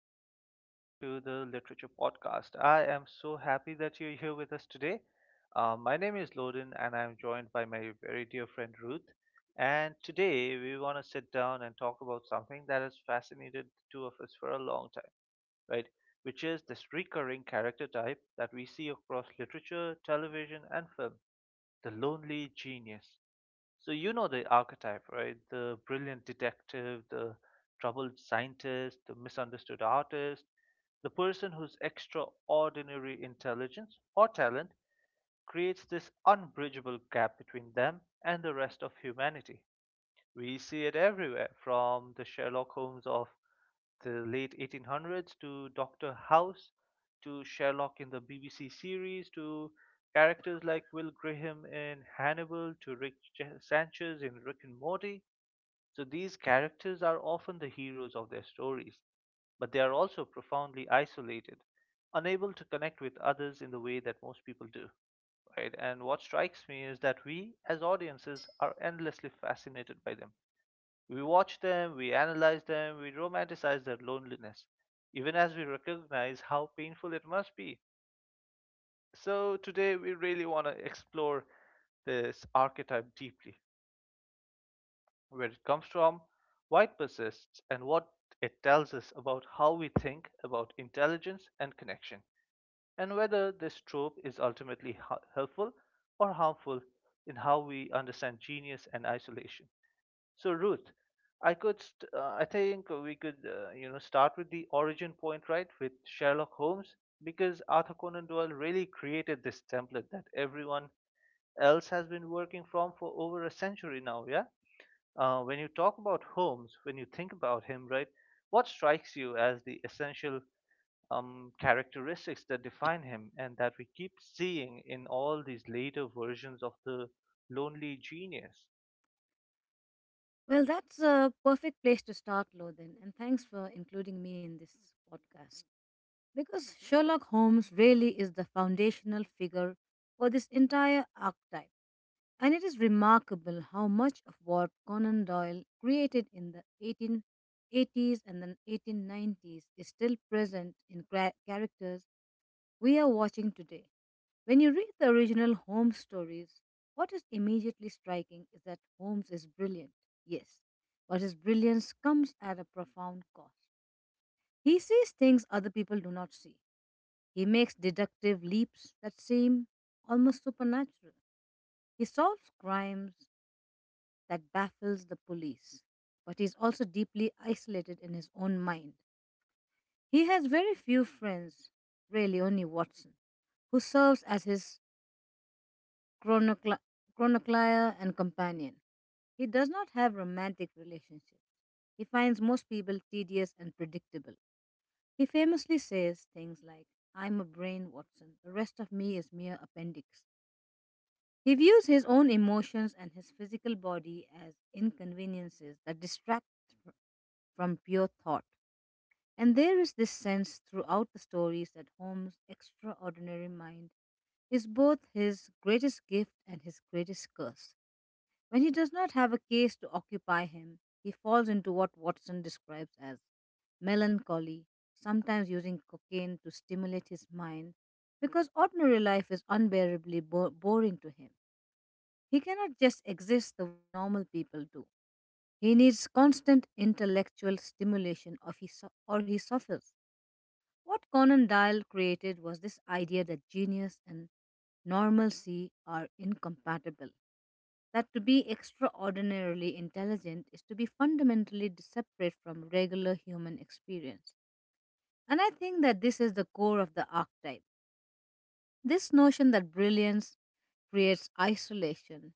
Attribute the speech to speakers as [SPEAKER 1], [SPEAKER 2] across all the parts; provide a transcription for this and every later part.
[SPEAKER 1] and welcome back to the Literature Podcast. I am so happy that you're here with us today. My name is Loden, and I'm joined by my very dear friend Ruth. And today, we want to sit down and talk about something that has fascinated the two of us for a long time, right? Which is this recurring character type that we see across literature, television, and film: the lonely genius. So you know the archetype, right? The brilliant detective, the troubled scientist, the misunderstood artist, the person whose extraordinary intelligence or talent creates this unbridgeable gap between them and the rest of humanity. We see it everywhere, from the Sherlock Holmes of the late 1800s to Doctor House to Sherlock in the BBC series to characters like Will Graham in Hannibal to Sanchez in Rick and Morty. So these characters are often the heroes of their stories, but they are also profoundly isolated, unable to connect with others in the way that most people do, right? And what strikes me is that we as audiences are endlessly fascinated by them. We watch them, we analyze them, we romanticize their loneliness, even as we recognize how painful it must be. So today we really want to explore this archetype deeply: where it comes from, why it persists, and what it tells us about how we think about intelligence and connection, and whether this trope is ultimately helpful or harmful in how we understand genius and isolation. So Ruth, I think we could, start with the origin point, right, with Sherlock Holmes, because Arthur Conan Doyle really created this template that everyone else has been working from for over a century now. Yeah, when you talk about Holmes, when you think about him, right, what strikes you as the essential characteristics that define him and that we keep seeing in all these later versions of the lonely genius?
[SPEAKER 2] Well, that's a perfect place to start, Lothan, and thanks for including me in this podcast. Because Sherlock Holmes really is the foundational figure for this entire archetype, and it is remarkable how much of what Conan Doyle created in the 1880s and the 1890s is still present in characters we are watching today. When you read the original Holmes stories, what is immediately striking is that Holmes is brilliant, yes, but his brilliance comes at a profound cost. He sees things other people do not see, he makes deductive leaps that seem almost supernatural. He solves crimes that baffles the police, but he's also deeply isolated in his own mind. He has very few friends, really only Watson, who serves as his chronocli- chronoclier and companion. He does not have romantic relationships. He finds most people tedious and predictable. He famously says things like, I'm a brain, Watson. The rest of me is mere appendix. He views his own emotions and his physical body as inconveniences that distract fr- from pure thought. And there is this sense throughout the stories that Holmes' extraordinary mind is both his greatest gift and his greatest curse. When he does not have a case to occupy him, he falls into what Watson describes as melancholy, sometimes using cocaine to stimulate his mind, because ordinary life is unbearably boring to him. He cannot just exist the way normal people do. He needs constant intellectual stimulation of he su- or he suffers. What Conan Doyle created was this idea that genius and normalcy are incompatible. That to be extraordinarily intelligent is to be fundamentally separate from regular human experience. And I think that this is the core of the archetype. This notion that brilliance creates isolation,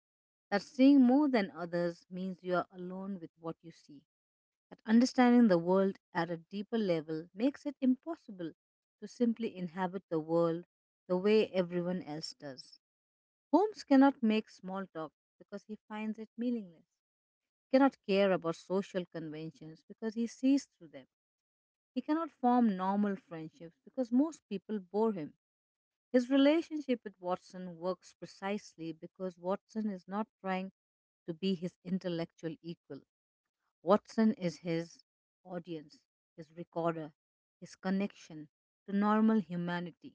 [SPEAKER 2] that seeing more than others means you are alone with what you see, that understanding the world at a deeper level makes it impossible to simply inhabit the world the way everyone else does. Holmes cannot make small talk because he finds it meaningless. He cannot care about social conventions because he sees through them. He cannot form normal friendships because most people bore him. His relationship with Watson works precisely because Watson is not trying to be his intellectual equal. Watson is his audience, his recorder, his connection to normal humanity.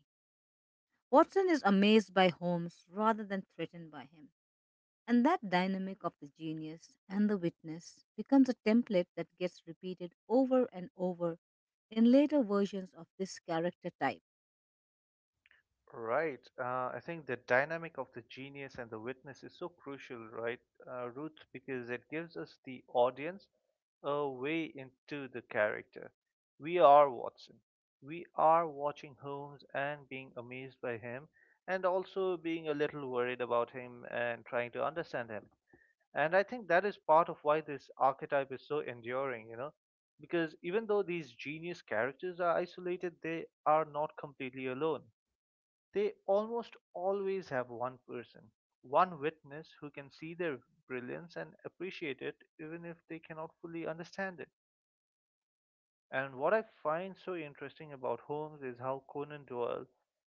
[SPEAKER 2] Watson is amazed by Holmes rather than threatened by him. And that dynamic of the genius and the witness becomes a template that gets repeated over and over in later versions of this character type.
[SPEAKER 1] Right. I think the dynamic of the genius and the witness is so crucial, right, Ruth, because it gives us, the audience, a way into the character. We are Watson. We are watching Holmes and being amazed by him, and also being a little worried about him and trying to understand him. And I think that is part of why this archetype is so enduring, you know, because even though these genius characters are isolated, they are not completely alone. They almost always have one person, one witness who can see their brilliance and appreciate it even if they cannot fully understand it. And what I find so interesting about Holmes is how Conan Doyle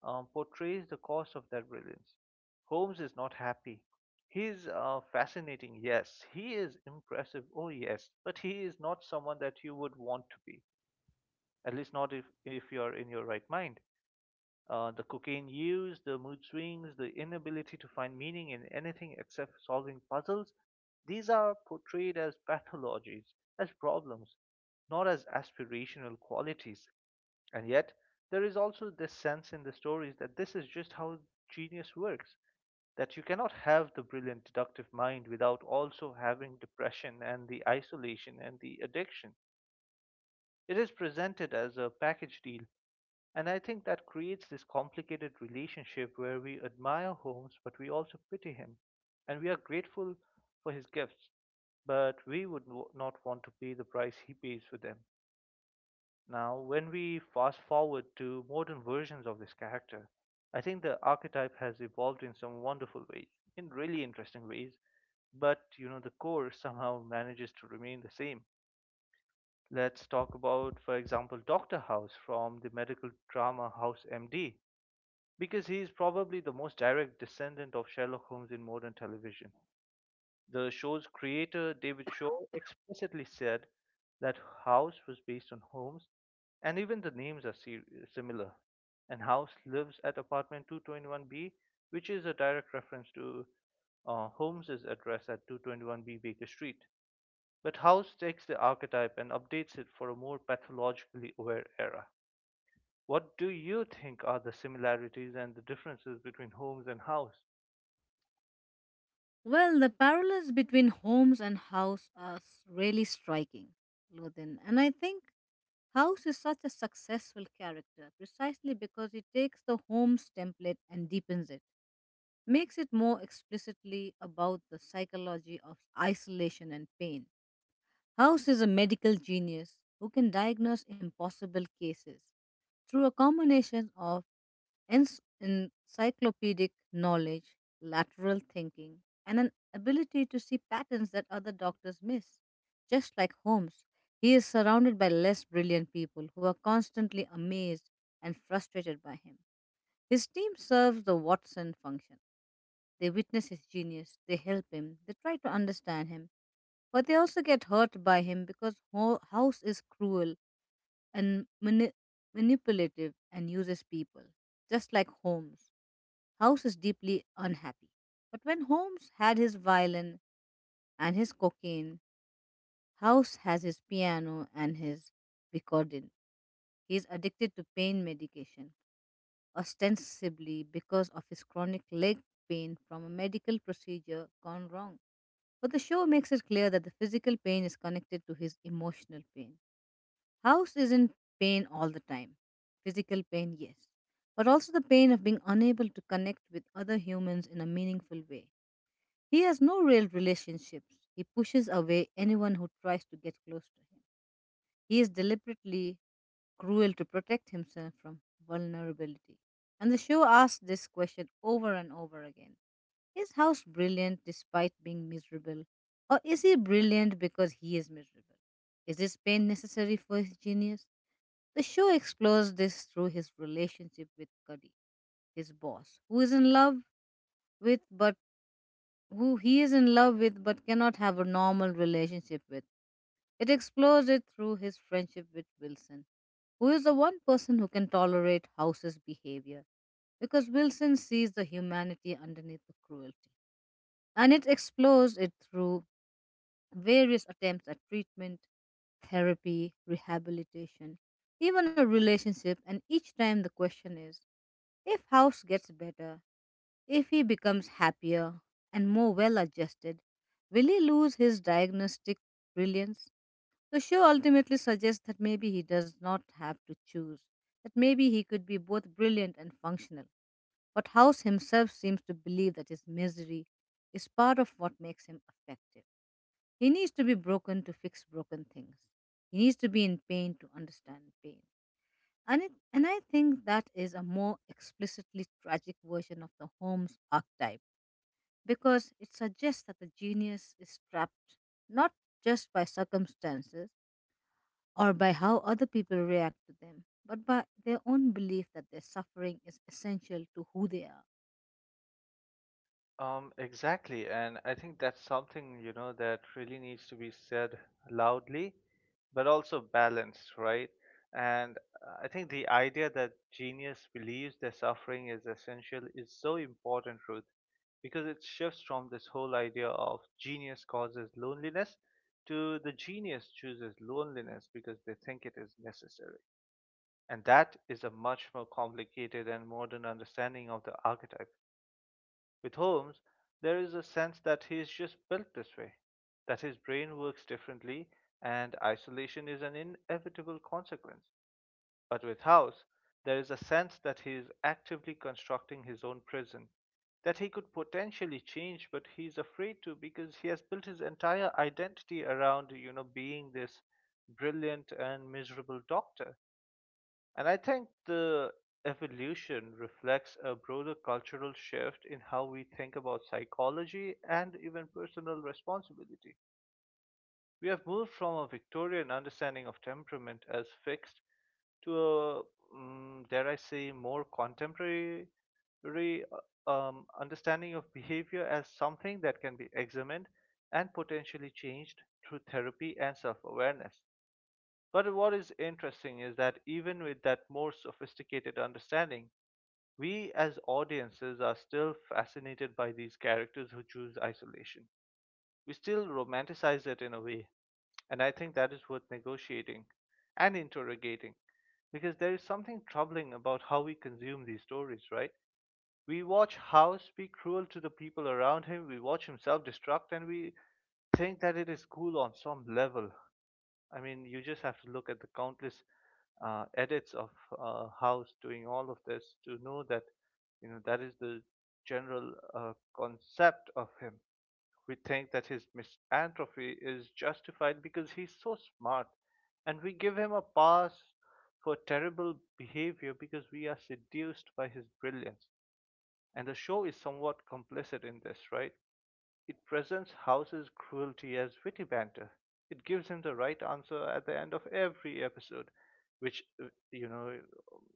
[SPEAKER 1] portrays the cost of that brilliance. Holmes is not happy. He's fascinating, yes. He is impressive, oh yes. But he is not someone that you would want to be, at least not if you're in your right mind. The cocaine use, the mood swings, the inability to find meaning in anything except solving puzzles, these are portrayed as pathologies, as problems, not as aspirational qualities. And yet, there is also this sense in the stories that this is just how genius works, that you cannot have the brilliant deductive mind without also having depression and the isolation and the addiction. It is presented as a package deal, and I think that creates this complicated relationship where we admire Holmes, but we also pity him. And we are grateful for his gifts, but we would not want to pay the price he pays for them. Now, when we fast forward to modern versions of this character, I think the archetype has evolved in some wonderful ways, in really interesting ways, but you know, the core somehow manages to remain the same. Let's talk about, for example, Dr. House from the medical drama House MD, because he is probably the most direct descendant of Sherlock Holmes in modern television. The show's creator, David Shaw, explicitly said that House was based on Holmes, and even the names are similar. And House lives at apartment 221B, which is a direct reference to Holmes's address at 221B Baker Street. But House takes the archetype and updates it for a more pathologically aware era. What do you think are the similarities and the differences between homes and house?
[SPEAKER 2] Well, the parallels between homes and house are really striking, Lodin. And I think House is such a successful character precisely because it takes the home's template and deepens it, makes it more explicitly about the psychology of isolation and pain. House is a medical genius who can diagnose impossible cases through a combination of encyclopedic knowledge, lateral thinking, and an ability to see patterns that other doctors miss. Just like Holmes, he is surrounded by less brilliant people who are constantly amazed and frustrated by him. His team serves the Watson function. They witness his genius, they help him, they try to understand him, but they also get hurt by him because House is cruel and manipulative and uses people, just like Holmes. House is deeply unhappy. But when Holmes had his violin and his cocaine, House has his piano and his Vicodin. He is addicted to pain medication, ostensibly because of his chronic leg pain from a medical procedure gone wrong. But the show makes it clear that the physical pain is connected to his emotional pain. House is in pain all the time. Physical pain, yes. But also the pain of being unable to connect with other humans in a meaningful way. He has no real relationships. He pushes away anyone who tries to get close to him. He is deliberately cruel to protect himself from vulnerability. And the show asks this question over and over again: Is House brilliant despite being miserable? Or is he brilliant because he is miserable? Is his pain necessary for his genius? The show explores this through his relationship with Cuddy, his boss, with but who he is in love with but cannot have a normal relationship with. It explores it through his friendship with Wilson, who is the one person who can tolerate House's behavior, because Wilson sees the humanity underneath the cruelty. And it explores it through various attempts at treatment, therapy, rehabilitation, even a relationship, and each time the question is, if House gets better, if he becomes happier and more well adjusted, will he lose his diagnostic brilliance? The show ultimately suggests that maybe he does not have to choose, that maybe he could be both brilliant and functional. But House himself seems to believe that his misery is part of what makes him effective. He needs to be broken to fix broken things. He needs to be in pain to understand pain. And I think that is a more explicitly tragic version of the Holmes archetype because it suggests that the genius is trapped not just by circumstances or by how other people react to them, but by their own belief that their suffering is essential to who they are.
[SPEAKER 1] Exactly, and I think that's something, you know, that really needs to be said loudly, but also balanced, right? And I think the idea that genius believes their suffering is essential is so important, Ruth, because it shifts from this whole idea of genius causes loneliness to the genius chooses loneliness because they think it is necessary. And that is a much more complicated and modern understanding of the archetype. With Holmes, there is a sense that he is just built this way, that his brain works differently, and isolation is an inevitable consequence. But with House, there is a sense that he is actively constructing his own prison, that he could potentially change, but he's afraid to because he has built his entire identity around, you know, being this brilliant and miserable doctor. And I think the evolution reflects a broader cultural shift in how we think about psychology and even personal responsibility. We have moved from a Victorian understanding of temperament as fixed to a, mm, dare I say, more contemporary, uh, understanding of behavior as something that can be examined and potentially changed through therapy and self awareness. But what is interesting is that even with that more sophisticated understanding, we as audiences are still fascinated by these characters who choose isolation. We still romanticize it in a way, and I think that is worth negotiating and interrogating because there is something troubling about how we consume these stories, right? We watch House be cruel to the people around him, we watch him self destruct, and we think that it is cool on some level. I mean, you just have to look at the countless edits of House doing all of this to know that, you know, that is the general concept of him. We think that his misanthropy is justified because he's so smart, and we give him a pass for terrible behavior because we are seduced by his brilliance. And the show is somewhat complicit in this, right? It presents House's cruelty as witty banter. It gives him the right answer at the end of every episode, which, you know,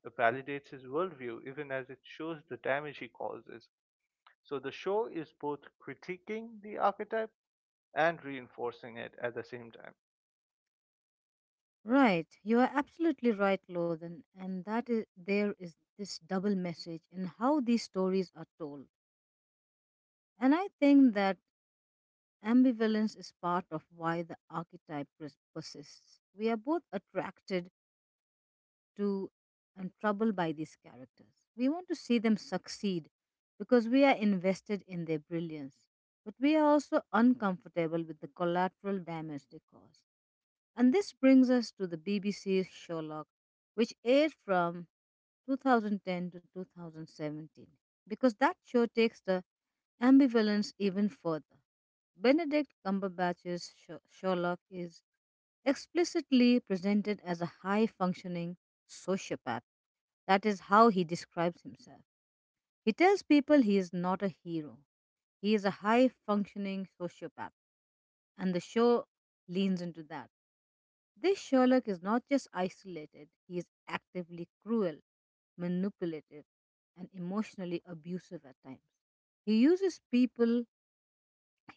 [SPEAKER 1] validates his worldview even as it shows the damage he causes. So the show is both critiquing the archetype and reinforcing it at the same time.
[SPEAKER 2] Right, you are absolutely right, Lothan, and that is, there is this double message in how these stories are told. And I think that ambivalence is part of why the archetype persists. We are both attracted to and troubled by these characters. We want to see them succeed because we are invested in their brilliance, but we are also uncomfortable with the collateral damage they cause. And this brings us to the BBC's Sherlock, which aired from 2010 to 2017, because that show takes the ambivalence even further. Benedict Cumberbatch's Sherlock is explicitly presented as a high functioning sociopath. That is how he describes himself. He tells people he is not a hero, he is a high functioning sociopath, and the show leans into that. This Sherlock is not just isolated, he is actively cruel, manipulative, and emotionally abusive at times. He uses people,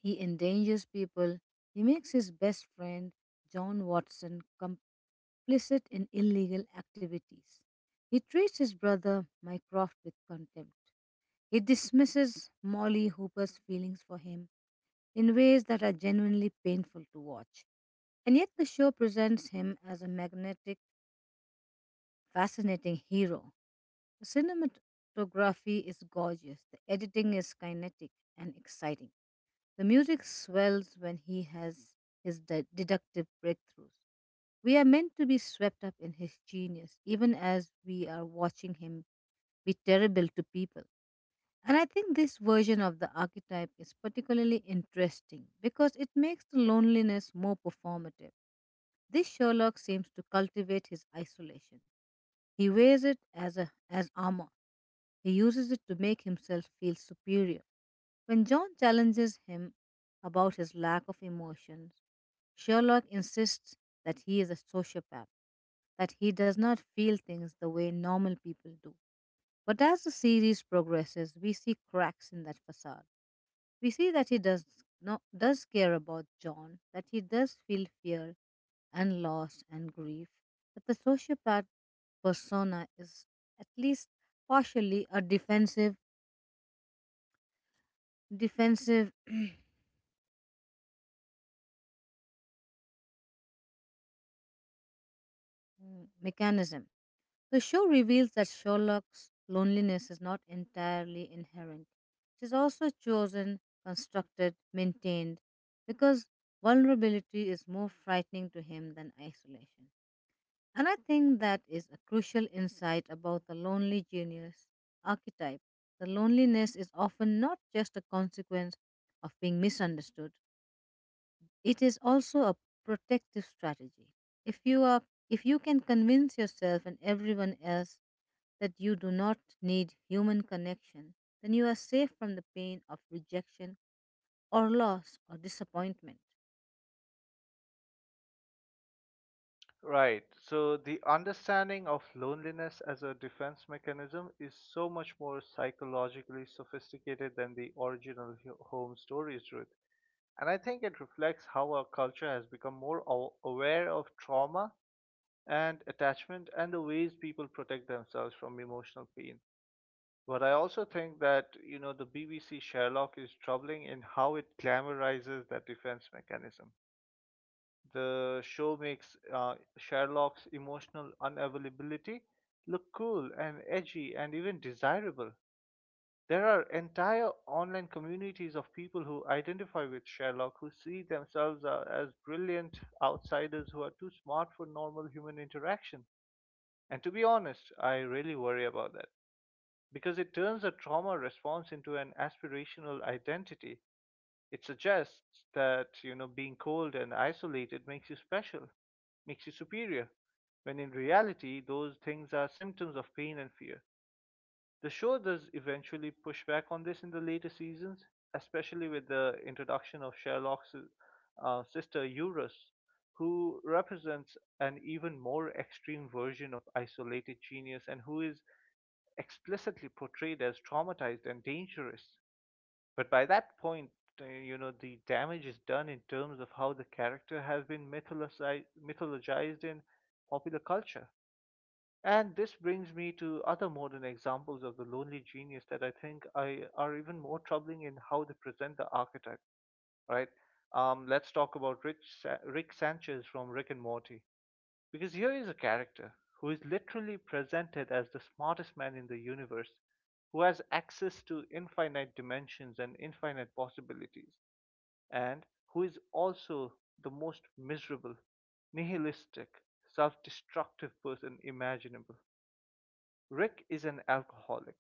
[SPEAKER 2] he endangers people, he makes his best friend, John Watson, complicit in illegal activities. He treats his brother Mycroft with contempt. He dismisses Molly Hooper's feelings for him in ways that are genuinely painful to watch. And yet, the show presents him as a magnetic, fascinating hero. The cinematography is gorgeous, the editing is kinetic and exciting. The music swells when he has his deductive breakthroughs. We are meant to be swept up in his genius, even as we are watching him be terrible to people. And I think this version of the archetype is particularly interesting because it makes the loneliness more performative. This Sherlock seems to cultivate his isolation. He wears it as a as armor. He uses it to make himself feel superior. When John challenges him about his lack of emotions, Sherlock insists that he is a sociopath, that he does not feel things the way normal people do. But as the series progresses, we see cracks in that facade. We see that he does not does care about John, that he does feel fear and loss and grief, that the sociopath persona is at least partially a defensive mechanism. The show reveals that Sherlock's loneliness is not entirely inherent. It is also chosen, constructed, maintained, because vulnerability is more frightening to him than isolation. And I think that is a crucial insight about the lonely genius archetype. The loneliness is often not just a consequence of being misunderstood. It is also a protective strategy. If you are if you can convince yourself and everyone else that you do not need human connection, then you are safe from the pain of rejection or loss or disappointment.
[SPEAKER 1] Right. So the understanding of loneliness as a defense mechanism is so much more psychologically sophisticated than the original home stories, Ruth. And I think it reflects how our culture has become more aware of trauma and attachment and the ways people protect themselves from emotional pain. But I also think that, you know, the BBC Sherlock is troubling in how it glamorizes that defense mechanism. The show makes Sherlock's emotional unavailability look cool and edgy and even desirable. There are entire online communities of people who identify with Sherlock, who see themselves as brilliant outsiders who are too smart for normal human interaction. And to be honest, I really worry about that because it turns a trauma response into an aspirational identity. It suggests that, you know, being cold and isolated makes you special, makes you superior, when in reality, those things are symptoms of pain and fear. The show does eventually push back on this in the later seasons, especially with the introduction of Sherlock's sister Eurus, who represents an even more extreme version of isolated genius and who is explicitly portrayed as traumatized and dangerous. But by that point, you know, the damage is done in terms of how the character has been mythologized in popular culture. And this brings me to other modern examples of the lonely genius that I think I, are even more troubling in how they present the archetype, right? Let's talk about Rick Sanchez from Rick and Morty, because here is a character who is literally presented as the smartest man in the universe, who has access to infinite dimensions and infinite possibilities, and who is also the most miserable, nihilistic, self destructive person imaginable. Rick is an alcoholic.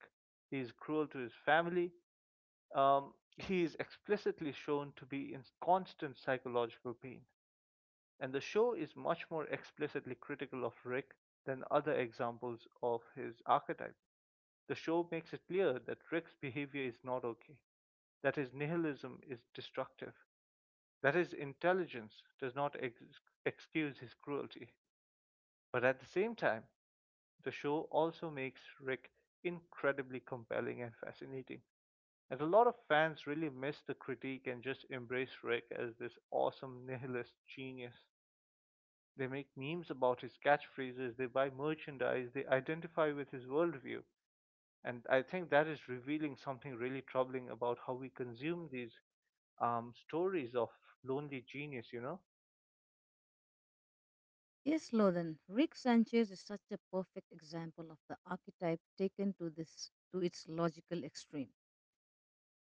[SPEAKER 1] He is cruel to his family. He is explicitly shown to be in constant psychological pain. And the show is much more explicitly critical of Rick than other examples of his archetype. The show makes it clear that Rick's behavior is not okay, that his nihilism is destructive, that his intelligence does not excuse his cruelty. But at the same time, the show also makes Rick incredibly compelling and fascinating. And a lot of fans really miss the critique and just embrace Rick as this awesome nihilist genius. They make memes about his catchphrases, they buy merchandise, they identify with his worldview. And I think that is revealing something really troubling about how we consume these stories of lonely genius.
[SPEAKER 2] Yes, Lothan, Rick Sanchez is such a perfect example of the archetype taken to its logical extreme.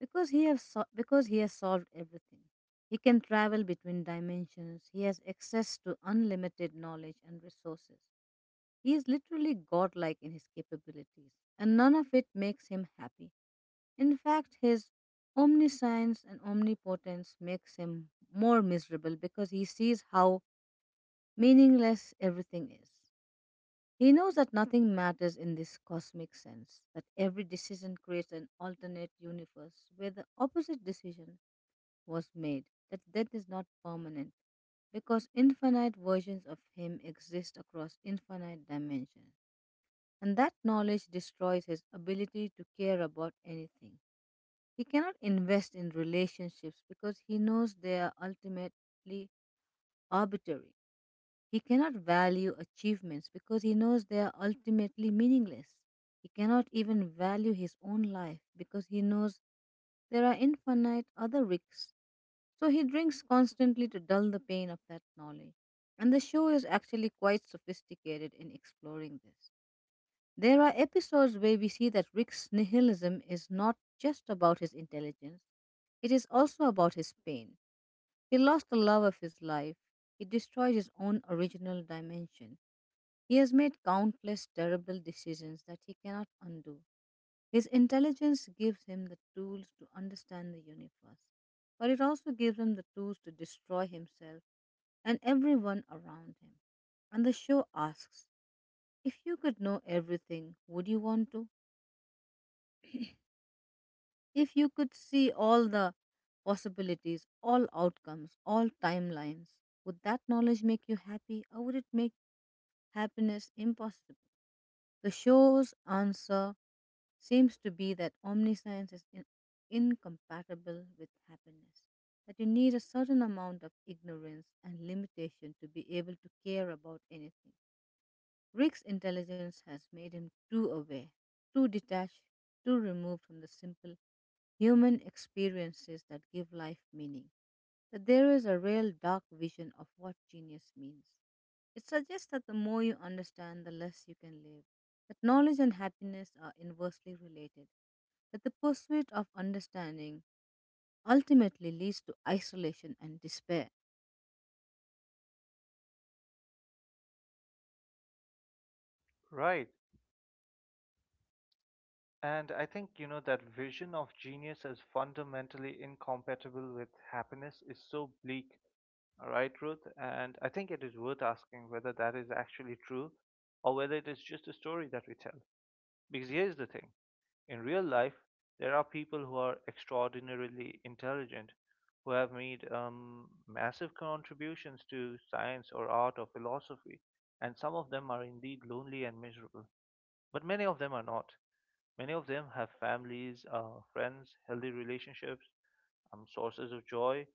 [SPEAKER 2] Because he has solved everything. He can travel between dimensions. He has access to unlimited knowledge and resources. He is literally godlike in his capabilities, and none of it makes him happy. In fact, his omniscience and omnipotence makes him more miserable because he sees how meaningless everything is. He knows that nothing matters in this cosmic sense, that every decision creates an alternate universe where the opposite decision was made, that death is not permanent because infinite versions of him exist across infinite dimensions, and that knowledge destroys his ability to care about anything. He cannot invest in relationships because he knows they are ultimately arbitrary. He cannot value achievements because he knows they are ultimately meaningless. He cannot even value his own life because he knows there are infinite other risks. So he drinks constantly to dull the pain of that knowledge. And the show is actually quite sophisticated in exploring this. There are episodes where we see that Rick's nihilism is not just about his intelligence, it is also about his pain. He lost the love of his life, he destroyed his own original dimension. He has made countless terrible decisions that he cannot undo. His intelligence gives him the tools to understand the universe, but it also gives him the tools to destroy himself and everyone around him. And the show asks, if you could know everything, would you want to? If you could see all the possibilities, all outcomes, all timelines, would that knowledge make you happy, or would it make happiness impossible? The show's answer seems to be that omniscience is incompatible with happiness, that you need a certain amount of ignorance and limitation to be able to care about anything. Rick's intelligence has made him too aware, too detached, too removed from the simple human experiences that give life meaning. That there is a real dark vision of what genius means. It suggests that the more you understand, the less you can live. That knowledge and happiness are inversely related. That the pursuit of understanding ultimately leads to isolation and despair.
[SPEAKER 1] Right. And I think, you know, that vision of genius as fundamentally incompatible with happiness is so bleak, all right, Ruth? And I think it is worth asking whether that is actually true or whether it is just a story that we tell. Because here's the thing, in real life, there are people who are extraordinarily intelligent, who have made massive contributions to science or art or philosophy, and some of them are indeed lonely and miserable, but many of them are not. Many of them have families, friends, healthy relationships, sources of joy.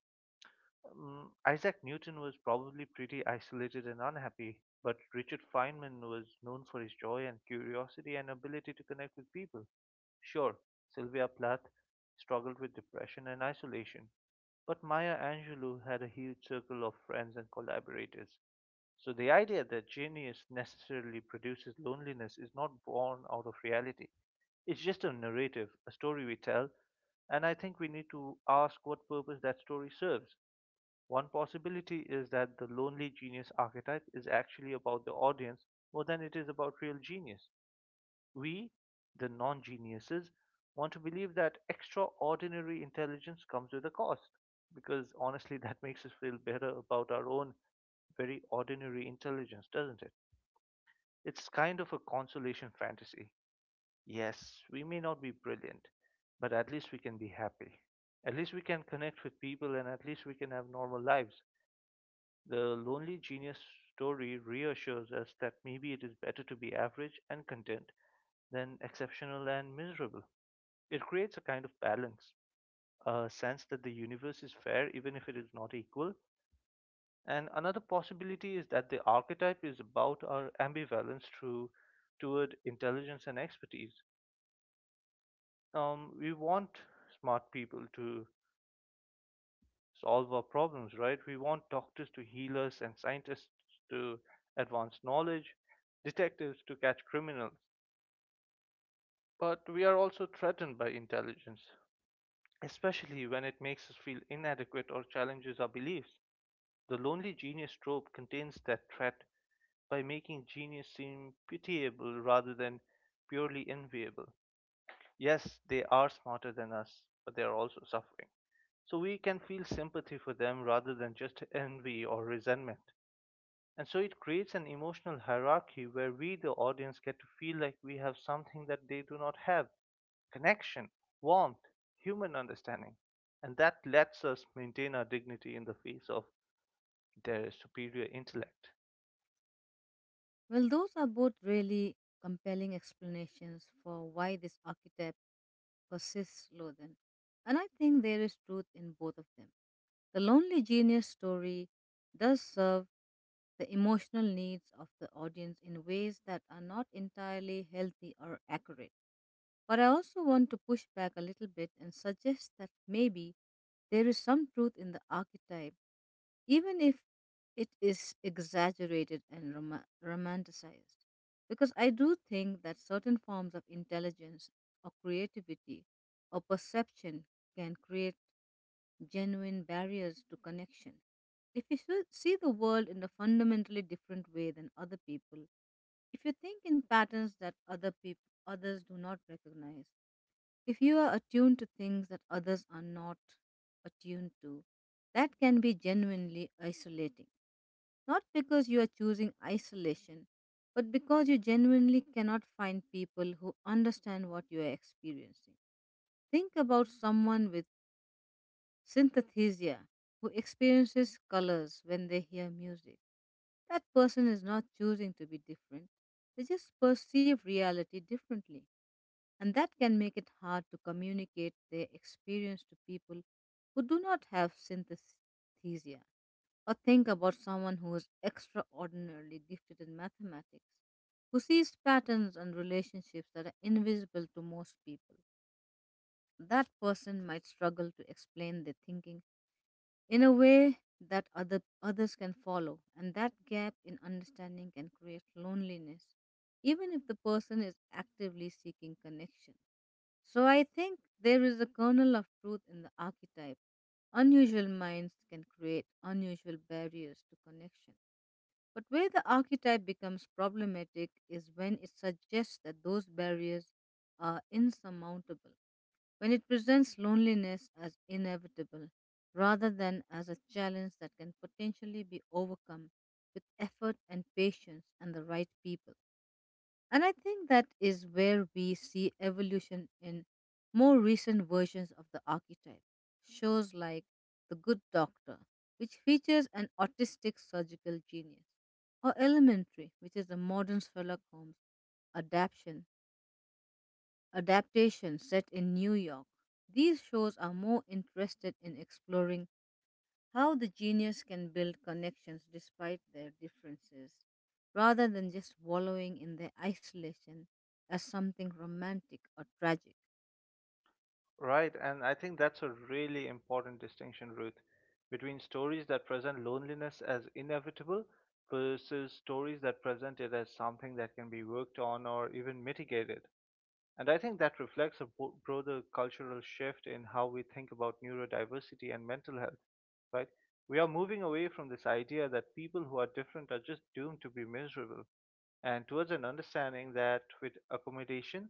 [SPEAKER 1] Isaac Newton was probably pretty isolated and unhappy, but Richard Feynman was known for his joy and curiosity and ability to connect with people. Sure, Sylvia Plath struggled with depression and isolation, but Maya Angelou had a huge circle of friends and collaborators. So the idea that genius necessarily produces loneliness is not born out of reality. It's just a narrative, a story we tell, and I think we need to ask what purpose that story serves. One possibility is that the lonely genius archetype is actually about the audience more than it is about real genius. We, the non geniuses, want to believe that extraordinary intelligence comes with a cost, because honestly, that makes us feel better about our own very ordinary intelligence, doesn't it? It's kind of a consolation fantasy. Yes, we may not be brilliant, but at least we can be happy. At least we can connect with people and at least we can have normal lives. The lonely genius story reassures us that maybe it is better to be average and content than exceptional and miserable. It creates a kind of balance, a sense that the universe is fair even if it is not equal. And another possibility is that the archetype is about our ambivalence through, toward intelligence and expertise. We want smart people to solve our problems, right? We want doctors to heal us and scientists to advance knowledge, detectives to catch criminals. But we are also threatened by intelligence, especially when it makes us feel inadequate or challenges our beliefs. The lonely genius trope contains that threat by making genius seem pitiable rather than purely enviable. Yes, they are smarter than us, but they are also suffering. So we can feel sympathy for them rather than just envy or resentment. And so it creates an emotional hierarchy where we, the audience, get to feel like we have something that they do not have: connection, warmth, human understanding. And that lets us maintain our dignity in the face of their superior intellect.
[SPEAKER 2] Well, those are both really compelling explanations for why this archetype persists, Lothan, and I think there is truth in both of them. The lonely genius story does serve the emotional needs of the audience in ways that are not entirely healthy or accurate. But I also want to push back a little bit and suggest that maybe there is some truth in the archetype, even if it is exaggerated and romanticized. Because I do think that certain forms of intelligence or creativity or perception can create genuine barriers to connection. If you should see the world in a fundamentally different way than other people, if you think in patterns that others do not recognize, if you are attuned to things that others are not attuned to, that can be genuinely isolating. Not because you are choosing isolation, but because you genuinely cannot find people who understand what you are experiencing. Think about someone with synesthesia, who experiences colors when they hear music. That person is not choosing to be different, they just perceive reality differently. And that can make it hard to communicate their experience to people who do not have synesthesia. Or think about someone who is extraordinarily gifted in mathematics, who sees patterns and relationships that are invisible to most people. That person might struggle to explain their thinking in a way that others can follow, and that gap in understanding can create loneliness even if the person is actively seeking connection. So I think there is a kernel of truth in the archetype. Unusual minds can create unusual barriers to connection, but where the archetype becomes problematic is when it suggests that those barriers are insurmountable, when it presents loneliness as inevitable rather than as a challenge that can potentially be overcome with effort and patience and the right people. And I think that is where we see evolution in more recent versions of the archetype. Shows like The Good Doctor, which features an autistic surgical genius, or Elementary, which is the modern Sherlock Holmes adaptation adaptation set in New York. These shows are more interested in exploring how the genius can build connections despite their differences, rather than just wallowing in their isolation as something romantic or tragic.
[SPEAKER 1] Right, and I think that's a really important distinction, Ruth, between stories that present loneliness as inevitable versus stories that present it as something that can be worked on or even mitigated. And I think that reflects a broader cultural shift in how we think about neurodiversity and mental health, right? We are moving away from this idea that people who are different are just doomed to be miserable and towards an understanding that with accommodation,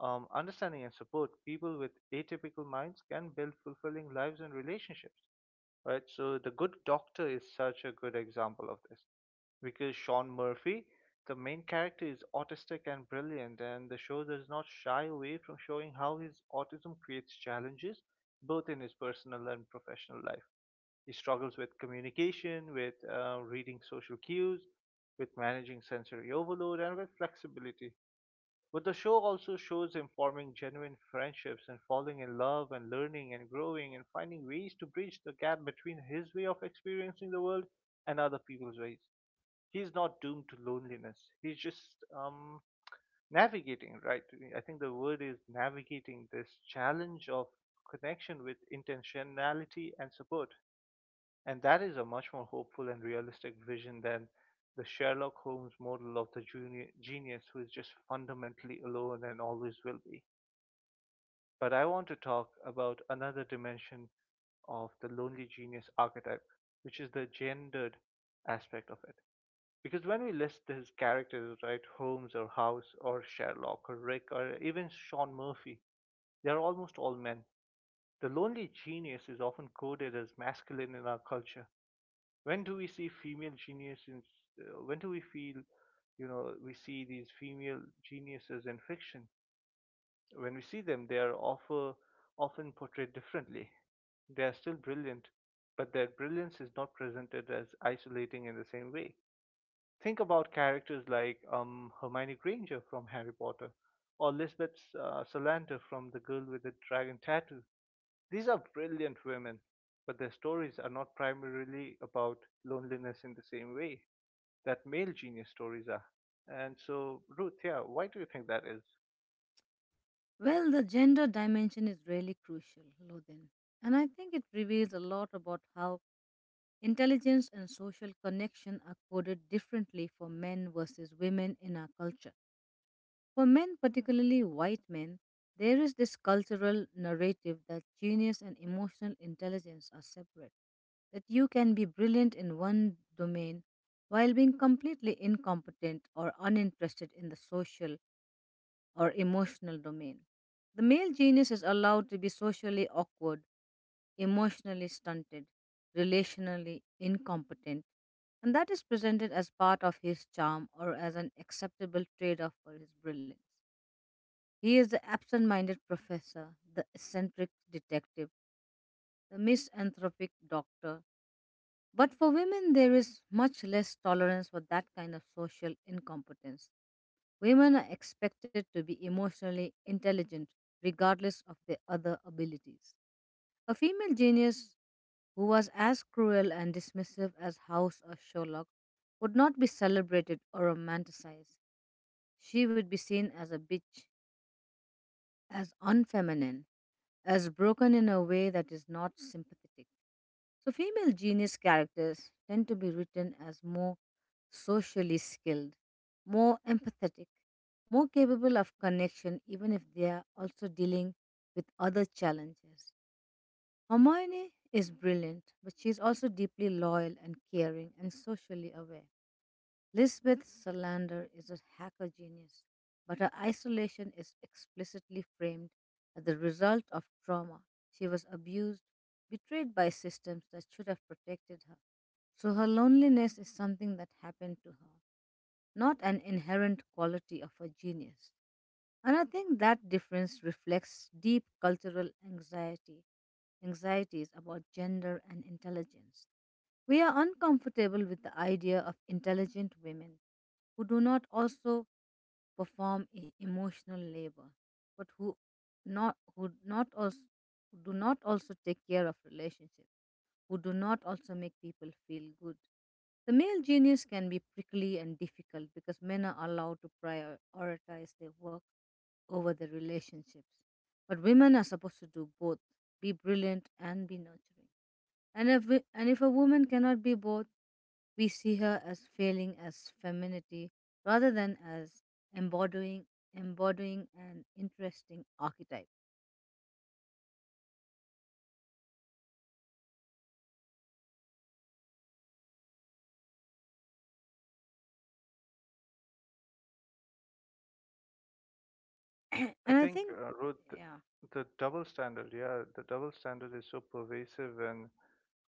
[SPEAKER 1] understanding, and support, people with atypical minds can build fulfilling lives and relationships, right? So the good doctor is such a good example of this because Sean Murphy, the main character, is autistic and brilliant, and the show does not shy away from showing how his autism creates challenges both in his personal and professional life. He struggles with communication, with reading social cues, with managing sensory overload, and with flexibility. But the show also shows him forming genuine friendships and falling in love and learning and growing and finding ways to bridge the gap between his way of experiencing the world and other people's ways. He's not doomed to loneliness. He's just navigating, right? I think the word is navigating this challenge of connection with intentionality and support. And that is a much more hopeful and realistic vision than the Sherlock Holmes model of the junior genius who is just fundamentally alone and always will be. But I want to talk about another dimension of the lonely genius archetype, which is the gendered aspect of it. Because when we list his characters, right, Holmes or House or Sherlock or Rick or even Sean Murphy, they are almost all men. The lonely genius is often coded as masculine in our culture. When do we see female geniuses when do we feel you know We see these female geniuses in fiction. When we see them, they are offer, often portrayed differently. They are still brilliant, but their brilliance is not presented as isolating in the same way. Think about characters like Hermione Granger from Harry Potter, or Lisbeth Salander from The Girl with the Dragon Tattoo. These are brilliant women, but their stories are not primarily about loneliness in the same way that male genius stories are. And so, Ruth, yeah, why do you think that is?
[SPEAKER 2] Well, the gender dimension is really crucial, Lodin, and I think it reveals a lot about how intelligence and social connection are coded differently for men versus women in our culture. For men, particularly white men, there is this cultural narrative that genius and emotional intelligence are separate, that you can be brilliant in one domain while being completely incompetent or uninterested in the social or emotional domain. The male genius is allowed to be socially awkward, emotionally stunted, relationally incompetent, and that is presented as part of his charm or as an acceptable trade off for his brilliance. He is the absent minded professor, the eccentric detective, the misanthropic doctor. But for women, there is much less tolerance for that kind of social incompetence. Women are expected to be emotionally intelligent regardless of their other abilities. A female genius who was as cruel and dismissive as House or Sherlock would not be celebrated or romanticized. She would be seen as a bitch, as unfeminine, as broken in a way that is not sympathetic. So, female genius characters tend to be written as more socially skilled, more empathetic, more capable of connection, even if they are also dealing with other challenges. Hermione is brilliant, but she is also deeply loyal and caring and socially aware. Lisbeth Salander is a hacker genius, but her isolation is explicitly framed as the result of trauma. She was abused, betrayed by systems that should have protected her. So her loneliness is something that happened to her, not an inherent quality of her genius. And I think that difference reflects deep cultural anxiety, anxieties about gender and intelligence. We are uncomfortable with the idea of intelligent women who do not also perform emotional labor, but who not also who do not also take care of relationships, who do not also make people feel good. The male genius can be prickly and difficult because men are allowed to prioritize their work over their relationships. But women are supposed to do both, be brilliant and be nurturing. And if a woman cannot be both, we see her as failing as femininity rather than as embodying embodying an interesting archetype.
[SPEAKER 1] I
[SPEAKER 2] And I
[SPEAKER 1] think,
[SPEAKER 2] think,
[SPEAKER 1] Ruth,
[SPEAKER 2] yeah.
[SPEAKER 1] the double standard is so pervasive and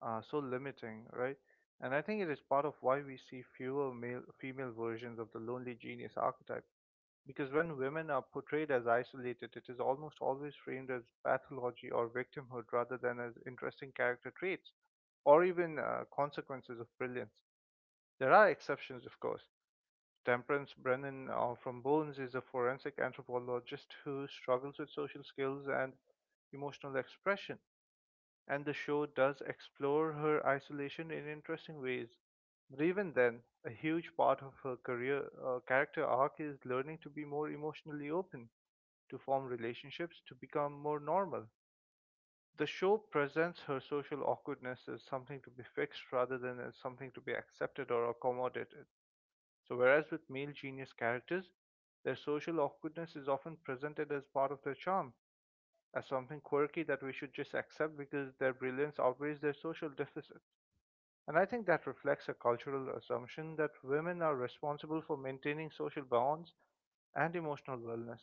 [SPEAKER 1] so limiting, right? And I think it is part of why we see fewer male, female versions of the lonely genius archetype. Because when women are portrayed as isolated, it is almost always framed as pathology or victimhood rather than as interesting character traits or even consequences of brilliance. There are exceptions, of course. Temperance Brennan from Bones is a forensic anthropologist who struggles with social skills and emotional expression, and the show does explore her isolation in interesting ways. But even then, a huge part of her career character arc is learning to be more emotionally open, to form relationships, to become more normal. The show presents her social awkwardness as something to be fixed rather than as something to be accepted or accommodated. So, whereas with male genius characters, their social awkwardness is often presented as part of their charm, as something quirky that we should just accept because their brilliance outweighs their social deficit. And I think that reflects a cultural assumption that women are responsible for maintaining social bonds and emotional wellness,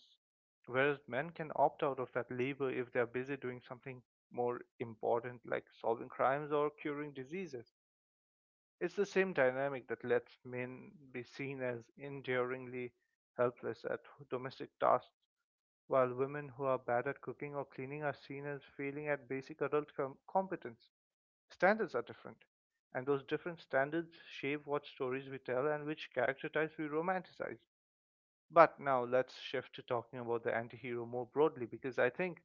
[SPEAKER 1] whereas men can opt out of that labor if they are busy doing something more important like solving crimes or curing diseases. It's the same dynamic that lets men be seen as enduringly helpless at domestic tasks, while women who are bad at cooking or cleaning are seen as failing at basic adult competence. Standards are different, and those different standards shape what stories we tell and which character types we romanticize. But now let's shift to talking about the antihero more broadly, because I think,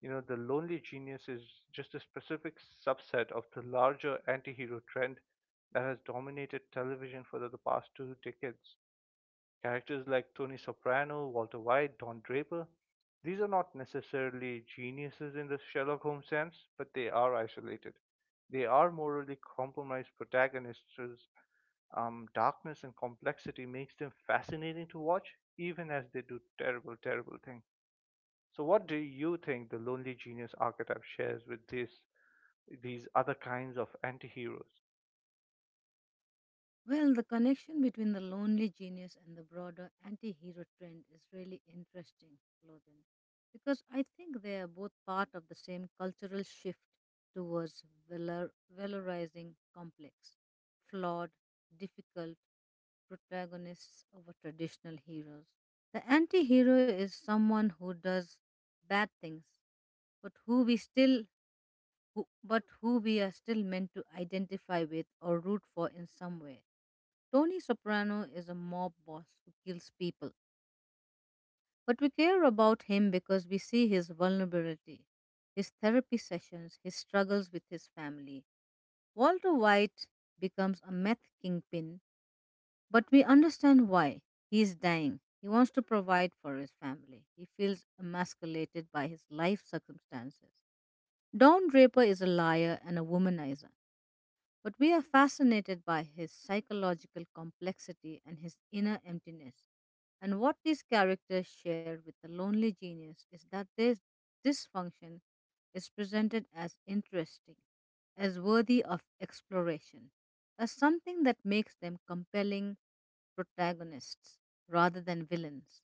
[SPEAKER 1] you know, the lonely genius is just a specific subset of the larger antihero trend that has dominated television for the past two decades. Characters like Tony Soprano, Walter White, Don Draper, these are not necessarily geniuses in the Sherlock Holmes sense, but they are isolated. They are morally compromised protagonists whose darkness and complexity makes them fascinating to watch, even as they do terrible, terrible things. So, what do you think the lonely genius archetype shares with these other kinds of anti heroes?
[SPEAKER 2] Well, the connection between the lonely genius and the broader anti hero trend is really interesting, Lothan, because I think they are both part of the same cultural shift towards valor- valorizing complex, flawed, difficult protagonists over traditional heroes. The anti hero is someone who does bad things, but who we still who, but who we are still meant to identify with or root for in some way. Tony Soprano is a mob boss who kills people, but we care about him because we see his vulnerability, his therapy sessions, his struggles with his family. Walter White becomes a meth kingpin, but we understand why. He is dying. He wants to provide for his family. He feels emasculated by his life circumstances. Don Draper is a liar and a womanizer. But we are fascinated by his psychological complexity and his inner emptiness. And what these characters share with the lonely genius is that this dysfunction is presented as interesting, as worthy of exploration, as something that makes them compelling protagonists rather than villains.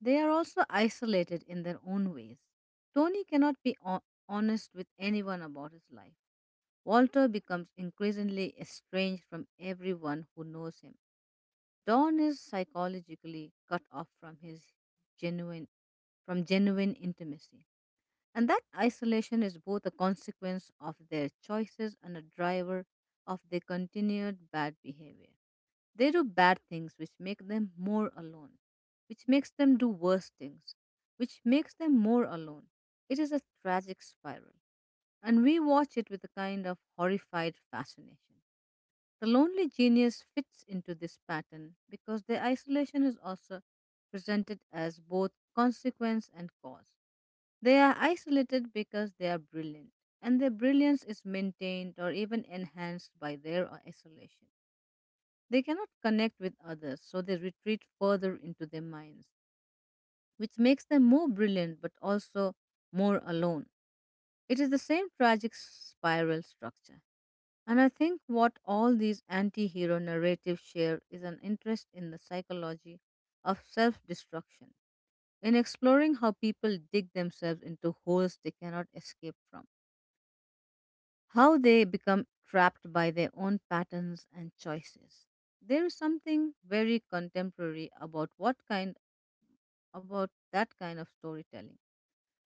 [SPEAKER 2] They are also isolated in their own ways. Tony cannot be honest with anyone about his life. Walter becomes increasingly estranged from everyone who knows him. Dawn is psychologically cut off from his genuine genuine intimacy. And that isolation is both a consequence of their choices and a driver of their continued bad behavior. They do bad things which make them more alone, which makes them do worse things, which makes them more alone. It is a tragic spiral, and we watch it with a kind of horrified fascination. The lonely genius fits into this pattern because their isolation is also presented as both consequence and cause. They are isolated because they are brilliant, and their brilliance is maintained or even enhanced by their isolation. They cannot connect with others, so they retreat further into their minds, which makes them more brilliant but also more alone. It is the same tragic spiral structure. And I think what all these anti hero narratives share is an interest in the psychology of self destruction, in exploring how people dig themselves into holes they cannot escape from, how they become trapped by their own patterns and choices. There is something very contemporary about what kind about that kind of storytelling.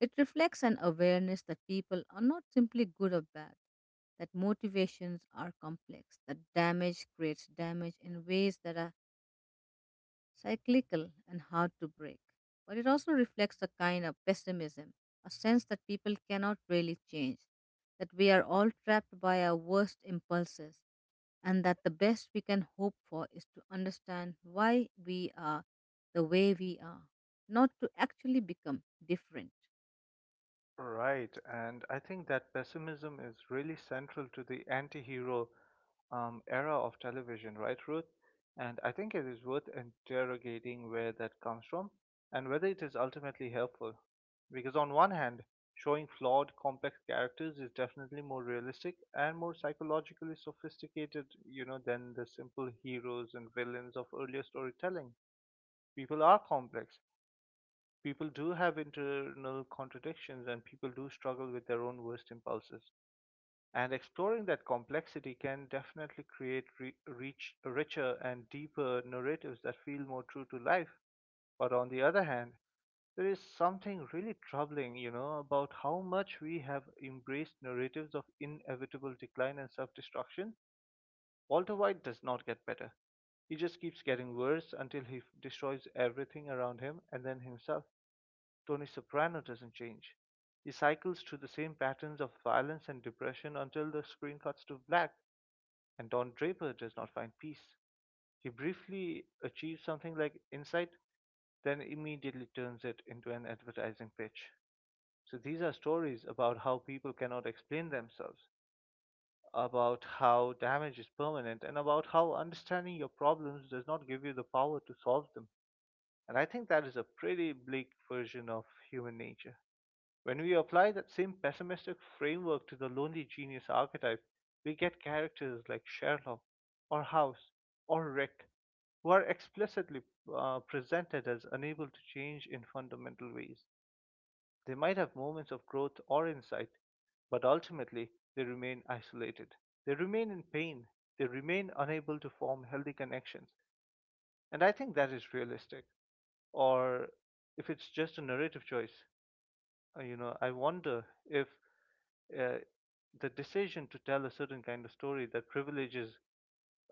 [SPEAKER 2] It reflects an awareness that people are not simply good or bad, that motivations are complex, that damage creates damage in ways that are cyclical and hard to break. But it also reflects a kind of pessimism, a sense that people cannot really change, that we are all trapped by our worst impulses, and that the best we can hope for is to understand why we are the way we are, not to actually become different.
[SPEAKER 1] Right, and I think that pessimism is really central to the anti-hero era of television, right, Ruth? And I think it is worth interrogating where that comes from and whether it is ultimately helpful. Because on one hand, showing flawed, complex characters is definitely more realistic and more psychologically sophisticated, you know, than the simple heroes and villains of earlier storytelling. People are complex, people do have internal contradictions and people do struggle with their own worst impulses. And exploring that complexity can definitely create reach, richer and deeper narratives that feel more true to life. But on the other hand, there is something really troubling, you know, about how much we have embraced narratives of inevitable decline and self destruction. Walter White does not get better. He just keeps getting worse until he destroys everything around him and then himself. Tony Soprano doesn't change. He cycles through the same patterns of violence and depression until the screen cuts to black, and Don Draper does not find peace. He briefly achieves something like insight, then immediately turns it into an advertising pitch. So these are stories about how people cannot explain themselves, about how damage is permanent, and about how understanding your problems does not give you the power to solve them. And I think that is a pretty bleak version of human nature. When we apply that same pessimistic framework to the lonely genius archetype, we get characters like Sherlock or House or Rick who are explicitly presented as unable to change in fundamental ways. They might have moments of growth or insight, but ultimately they remain isolated. They remain in pain. They remain unable to form healthy connections. And I think that is realistic. Or if it's just a narrative choice, I wonder if uh, the decision to tell a certain kind of story that privileges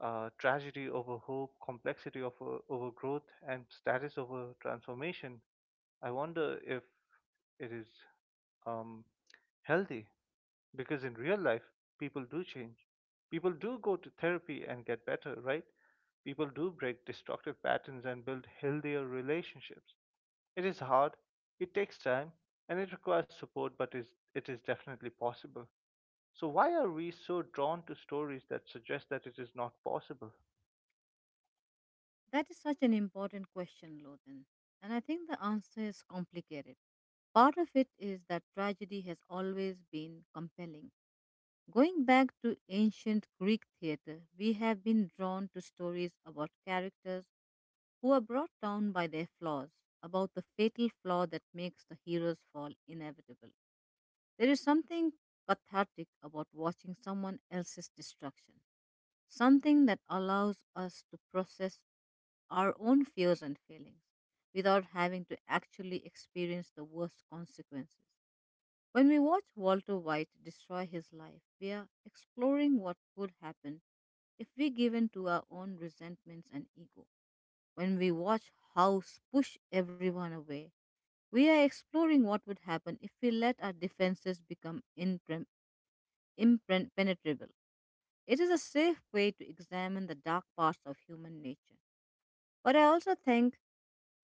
[SPEAKER 1] tragedy over hope, complexity over growth, and status over transformation, I wonder if it is um, healthy because in real life, people do change. People do go to therapy and get better, right? People do break destructive patterns and build healthier relationships. It is hard, it takes time, and it requires support, it is definitely possible. So, why are we so drawn to stories that suggest that it is not possible?
[SPEAKER 2] That is such an important question, Lothan, and I think the answer is complicated. Part of it is that tragedy has always been compelling. Going back to ancient Greek theater, we have been drawn to stories about characters who are brought down by their flaws, about the fatal flaw that makes the hero's fall inevitable. There is something cathartic about watching someone else's destruction, something that allows us to process our own fears and feelings without having to actually experience the worst consequences. When we watch Walter White destroy his life, we are exploring what could happen if we give in to our own resentments and ego. When we watch House push everyone away, we are exploring what would happen if we let our defenses become impenetrable. It is a safe way to examine the dark parts of human nature. But I also think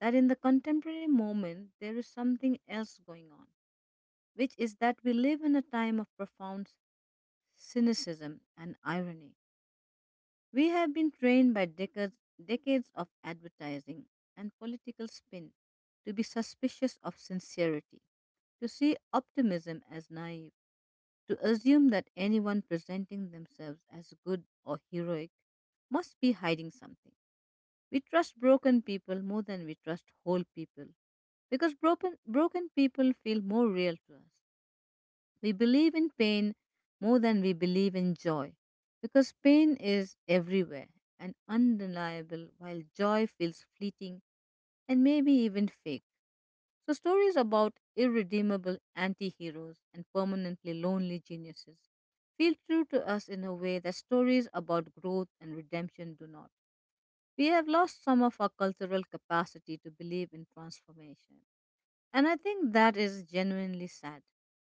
[SPEAKER 2] that in the contemporary moment, there is something else going on, which is that we live in a time of profound cynicism and irony. We have been trained by decades, decades of advertising and political spin to be suspicious of sincerity, to see optimism as naive, to assume that anyone presenting themselves as good or heroic must be hiding something. We trust broken people more than we trust whole people because broken people feel more real to us. We believe in pain more than we believe in joy because pain is everywhere and undeniable, while joy feels fleeting and maybe even fake. So, stories about irredeemable anti heroes and permanently lonely geniuses feel true to us in a way that stories about growth and redemption do not. We have lost some of our cultural capacity to believe in transformation. And I think that is genuinely sad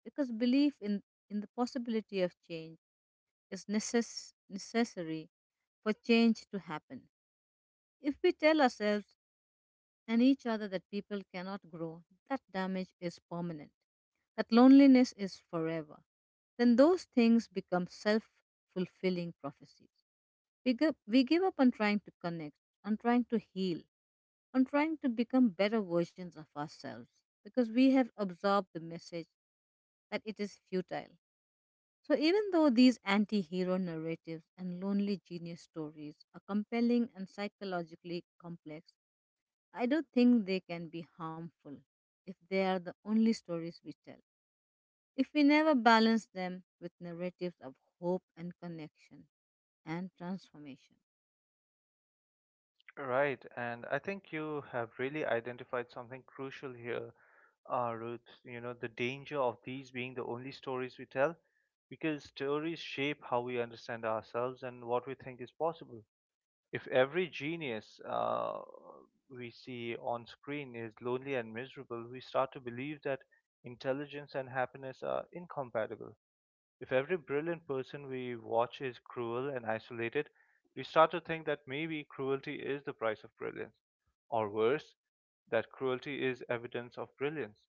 [SPEAKER 2] because belief in the possibility of change is necessary for change to happen. If we tell ourselves and each other that people cannot grow, that damage is permanent, that loneliness is forever, then those things become self fulfilling prophecies. We give up on trying to connect, on trying to heal, on trying to become better versions of ourselves because we have absorbed the message that it is futile. So, even though these anti hero narratives and lonely genius stories are compelling and psychologically complex, I don't think they can be harmful if they are the only stories we tell. If we never balance them with narratives of hope and connection and transformation.
[SPEAKER 1] Right, and I think you have really identified something crucial here, Ruth. You know, the danger of these being the only stories we tell, because stories shape how we understand ourselves and what we think is possible. If every genius we see on screen is lonely and miserable, we start to believe that intelligence and happiness are incompatible. If every brilliant person we watch is cruel and isolated, we start to think that maybe cruelty is the price of brilliance, or worse, that cruelty is evidence of brilliance.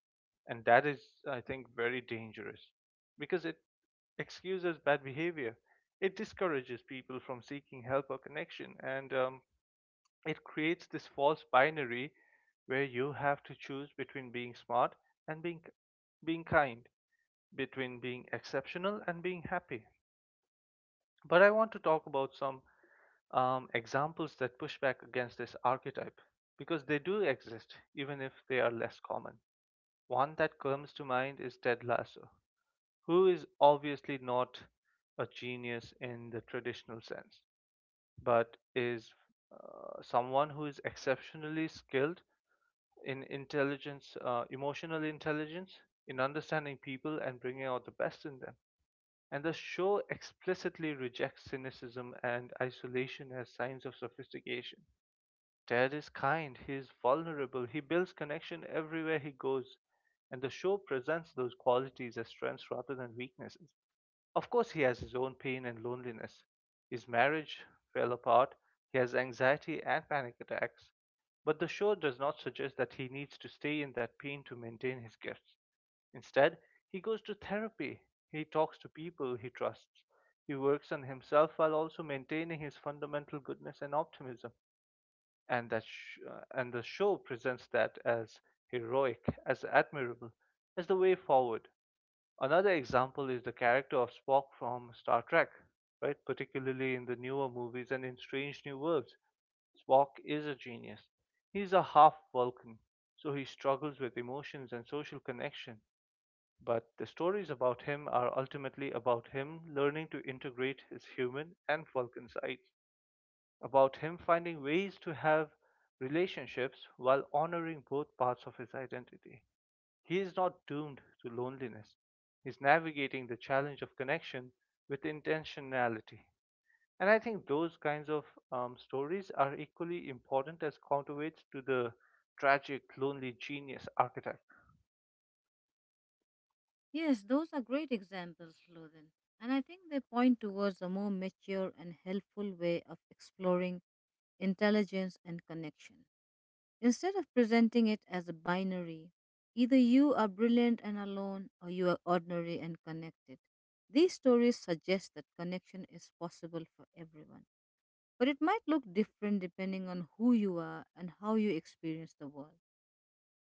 [SPEAKER 1] And that is, I think, very dangerous because it excuses bad behavior. It discourages people from seeking help or connection, and it creates this false binary where you have to choose between being smart and being kind, between being exceptional and being happy. But I want to talk about some examples that push back against this archetype because they do exist, even if they are less common. One that comes to mind is Ted Lasso, who is obviously not a genius in the traditional sense, but is someone who is exceptionally skilled in intelligence, emotional intelligence, in understanding people and bringing out the best in them, and the show explicitly rejects cynicism and isolation as signs of sophistication. Ted is kind, he is vulnerable, he builds connection everywhere he goes, and the show presents those qualities as strengths rather than weaknesses. Of course, he has his own pain and loneliness. His marriage fell apart, he has anxiety and panic attacks, but the show does not suggest that he needs to stay in that pain to maintain his gifts. Instead, he goes to therapy, he talks to people he trusts, he works on himself while also maintaining his fundamental goodness and optimism. And the show presents that as heroic, as admirable, as the way forward. Another example is the character of Spock from Star Trek, right? Particularly in the newer movies and in Strange New Worlds. Spock is a genius. He's a half Vulcan, so he struggles with emotions and social connection. But the stories about him are ultimately about him learning to integrate his human and Vulcan sides, about him finding ways to have relationships while honoring both parts of his identity. He is not doomed to loneliness. He's navigating the challenge of connection with intentionality. And I think those kinds of stories are equally important as counterweights to the tragic, lonely genius archetype.
[SPEAKER 2] Yes, those are great examples, Lothan. And I think they point towards a more mature and helpful way of exploring intelligence and connection. Instead of presenting it as a binary, either you are brilliant and alone or you are ordinary and connected. These stories suggest that connection is possible for everyone, but it might look different depending on who you are and how you experience the world.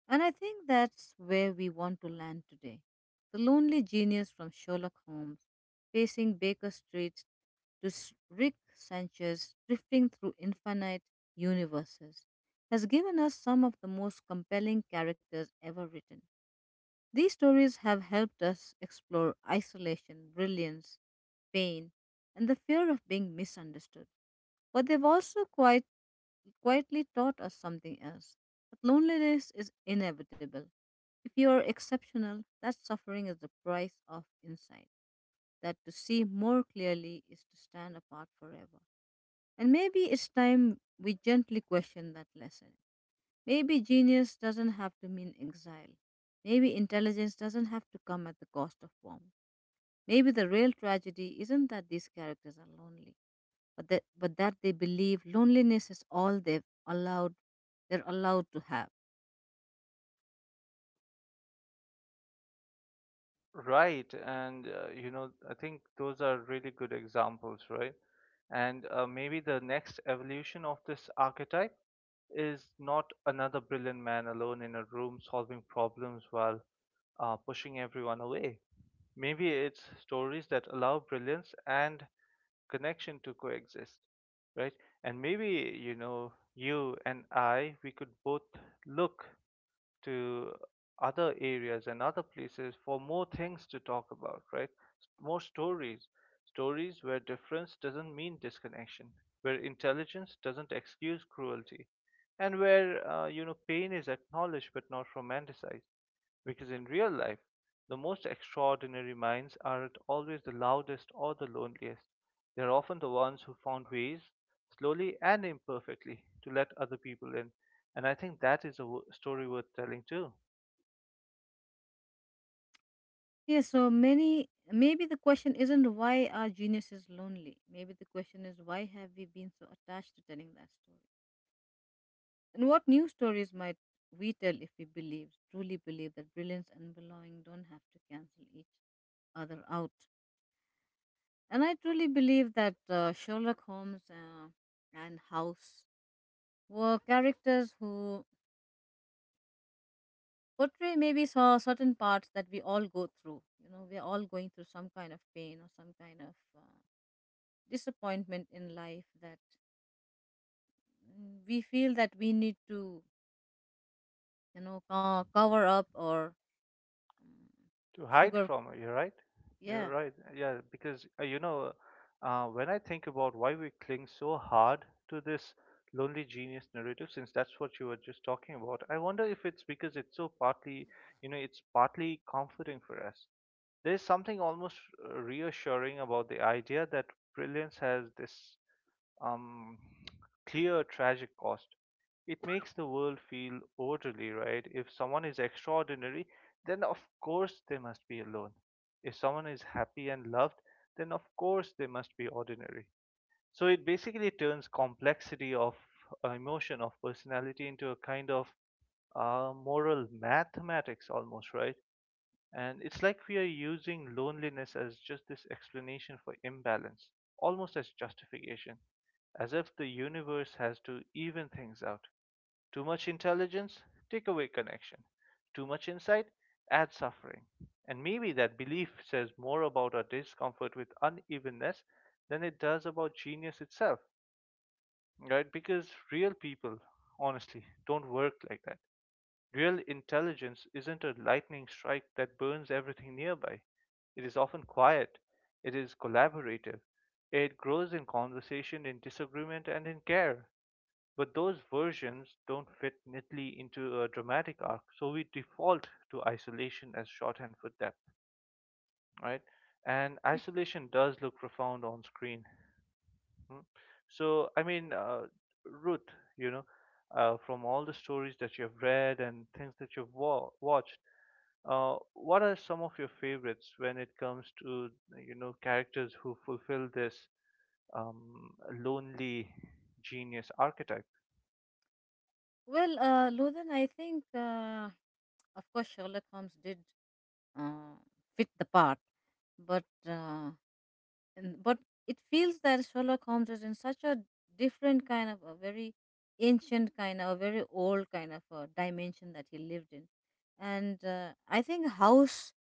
[SPEAKER 2] And I think that's where we want to land today. The lonely genius from Sherlock Holmes, pacing Baker Street to Rick Sanchez, drifting through infinite universes, has given us some of the most compelling characters ever written. These stories have helped us explore isolation, brilliance, pain, and the fear of being misunderstood. But they've also quite quietly taught us something else, that loneliness is inevitable. If you are exceptional, that suffering is the price of insight. That to see more clearly is to stand apart forever. And maybe it's time we gently question that lesson. Maybe genius doesn't have to mean exile. Maybe intelligence doesn't have to come at the cost of warmth. Maybe the real tragedy isn't that these characters are lonely, but that they believe loneliness is all they're allowed to have.
[SPEAKER 1] Right, and I think those are really good examples, right? And maybe the next evolution of this archetype is not another brilliant man alone in a room solving problems while pushing everyone away. Maybe it's stories that allow brilliance and connection to coexist, right? And maybe, you and I, we could both look to other areas and other places for more things to talk about, right? More stories. Stories where difference doesn't mean disconnection, where intelligence doesn't excuse cruelty, and where, pain is acknowledged but not romanticized. Because in real life, the most extraordinary minds aren't always the loudest or the loneliest. They're often the ones who found ways, slowly and imperfectly, to let other people in. And I think that is a story worth telling too.
[SPEAKER 2] Yeah, so many maybe the question isn't, why are geniuses lonely? Maybe the question is, why have we been so attached to telling that story? And what new stories might we tell if we believe, truly believe, that brilliance and belonging don't have to cancel each other out? And I truly believe that Sherlock Holmes and House were characters who portray maybe saw certain parts that we all go through. You know, we're all going through some kind of pain or some kind of disappointment in life that we feel that we need to, you know, cover up or um,
[SPEAKER 1] To hide
[SPEAKER 2] sugar.
[SPEAKER 1] from, it, you're right. You're
[SPEAKER 2] Yeah.
[SPEAKER 1] right. Yeah, because when I think about why we cling so hard to this lonely genius narrative, since that's what you were just talking about, I wonder if it's because it's so partly, it's partly comforting for us. There is something almost reassuring about the idea that brilliance has this um, clear tragic cost. It makes the world feel orderly, right? If someone is extraordinary, then of course they must be alone. If someone is happy and loved, then of course they must be ordinary. So it basically turns complexity of emotion, of personality into a kind of moral mathematics almost, right? And it's like we are using loneliness as just this explanation for imbalance, almost as justification, as if the universe has to even things out. Too much intelligence, take away connection. Too much insight, add suffering. And maybe that belief says more about our discomfort with unevenness than it does about genius itself, right? Because real people, honestly, don't work like that. Real intelligence isn't a lightning strike that burns everything nearby. It is often quiet, it is collaborative, it grows in conversation, in disagreement, and in care. But those versions don't fit neatly into a dramatic arc, so we default to isolation as shorthand for depth, right? And isolation does look profound on screen. Hmm? So, I mean, Ruth, you know, from all the stories that you've read and things that you've watched, what are some of your favorites when it comes to, you know, characters who fulfill this um, lonely genius archetype?
[SPEAKER 2] Well, Luthan, I think, of course, Sherlock Holmes did uh, fit the part, but and, but it feels that Sherlock Holmes is in such a different kind of a very ancient kind of a very old kind of a dimension that he lived in, and I think House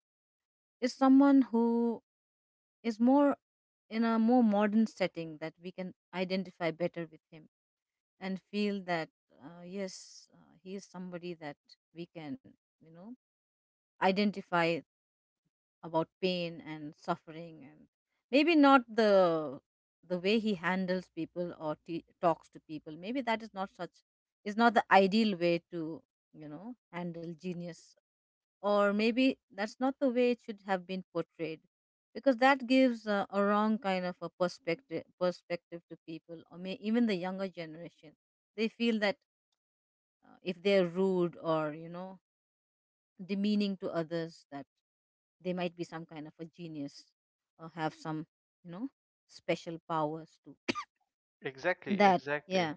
[SPEAKER 2] is someone who is more in a more modern setting that we can identify better with him and feel that, yes, he is somebody that we can, you know, identify about pain and suffering, and maybe not the way he handles people or talks to people, maybe that is not such, is not the ideal way to, you know, handle genius, or maybe that's not the way it should have been portrayed, because that gives a wrong kind of a perspective to people, or may even the younger generation, they feel that if they're rude or, you know, demeaning to others, that they might be some kind of a genius or have some, you know, special powers too.
[SPEAKER 1] Exactly,
[SPEAKER 2] That,
[SPEAKER 1] exactly.
[SPEAKER 2] yeah.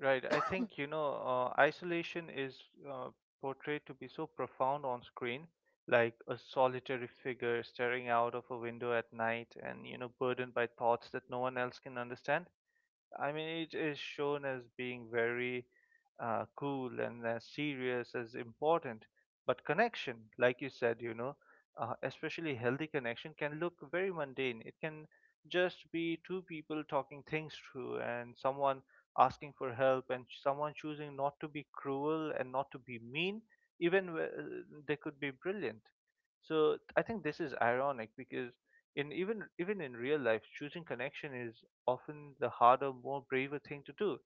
[SPEAKER 1] Right. I think, isolation is uh, portrayed to be so profound on screen, like a solitary figure staring out of a window at night and, you know, burdened by thoughts that no one else can understand. I mean, it is shown as being very cool and as serious as important. But connection, like you said, especially healthy connection, can look very mundane. It can just be two people talking things through and someone asking for help and someone choosing not to be cruel and not to be mean, even they could be brilliant. So I think this is ironic because in even even in real life, choosing connection is often the harder, more braver thing to do.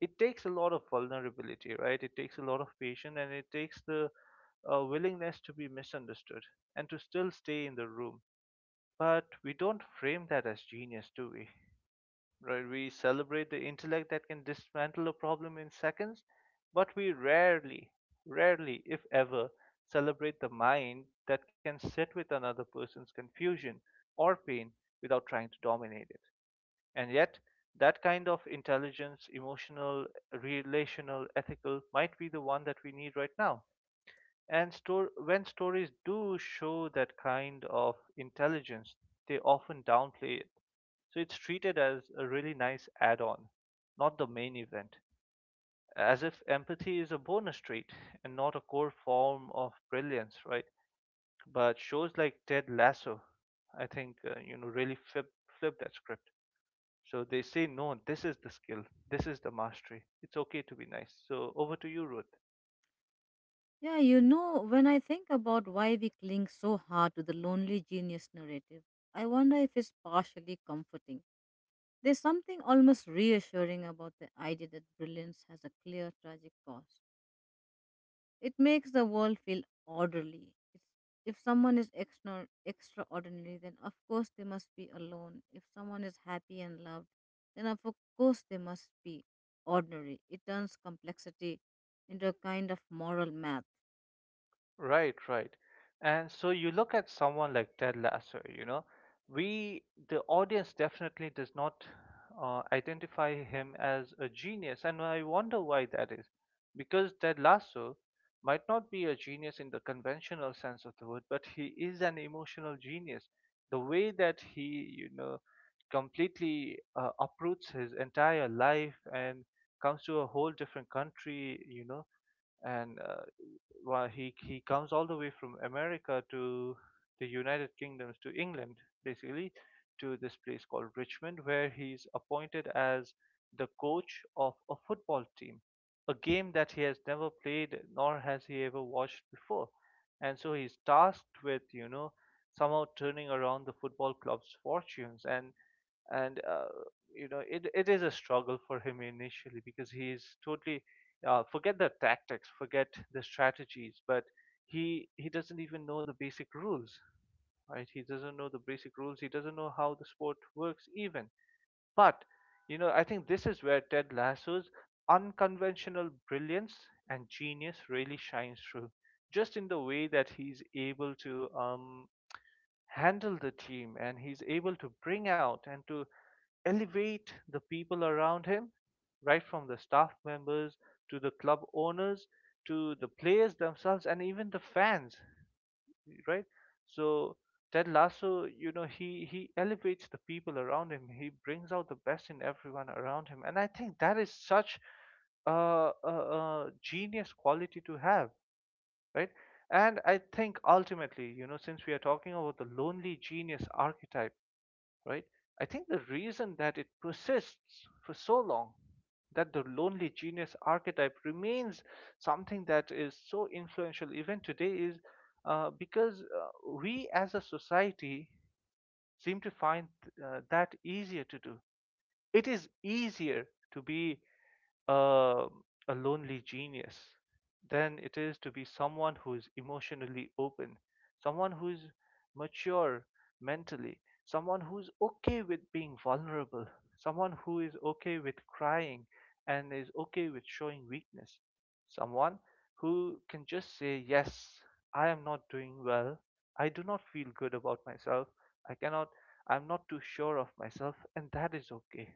[SPEAKER 1] It takes a lot of vulnerability, right? It takes a lot of patience and it takes the willingness to be misunderstood and to still stay in the room. But we don't frame that as genius, do we? Right? We celebrate the intellect that can dismantle a problem in seconds, but we rarely, if ever, celebrate the mind that can sit with another person's confusion or pain without trying to dominate it. And yet, that kind of intelligence, emotional, relational, ethical, might be the one that we need right now. And when stories do show that kind of intelligence, they often downplay it. So it's treated as a really nice add on, not the main event. As if empathy is a bonus trait and not a core form of brilliance, right? But shows like Ted Lasso, I think, really flip that script. So they say, no, this is the skill, this is the mastery. It's okay to be nice. So over to you, Ruth.
[SPEAKER 2] Yeah, you know, when I think about why we cling so hard to the lonely genius narrative, I wonder if it's partially comforting. There's something almost reassuring about the idea that brilliance has a clear tragic cause. It makes the world feel orderly. It's, if someone is extraordinary, then of course they must be alone. If someone is happy and loved, then of course they must be ordinary. It turns complexity into a kind of moral math.
[SPEAKER 1] Right, right. And so you look at someone like Ted Lasso, we, the audience definitely does not identify him as a genius. And I wonder why that is. Because Ted Lasso might not be a genius in the conventional sense of the word, but he is an emotional genius. The way that he, you know, completely uproots his entire life and comes to a whole different country, you know, and why he comes all the way from America to the United Kingdoms, to England, basically, to this place called Richmond, where he's appointed as the coach of a football team, a game that he has never played nor has he ever watched before, and so he's tasked with, you know, somehow turning around the football club's fortunes. And You know it is a struggle for him initially because he's totally forget the tactics, forget the strategies, but he doesn't even know the basic rules, right? He doesn't know the basic rules, he doesn't know how the sport works even. But, you know, I think this is where Ted Lasso's unconventional brilliance and genius really shines through, just in the way that he's able to handle the team, and he's able to bring out and to elevate the people around him, right from the staff members to the club owners to the players themselves and even the fans, right? So Ted Lasso, you know, he elevates the people around him. He brings out the best in everyone around him, and I think that is such a genius quality to have, right? And I think ultimately, you know, since we are talking about the lonely genius archetype, right? I think the reason that it persists for so long, that the lonely genius archetype remains something that is so influential even today, is because we as a society seem to find that easier to do. It is easier to be a, a lonely genius than it is to be someone who is emotionally open, someone who is mature mentally, someone who is okay with being vulnerable, someone who is okay with crying and is okay with showing weakness, someone who can just say, "Yes, I am not doing well, I do not feel good about myself, I cannot, I'm not too sure of myself," and that is okay.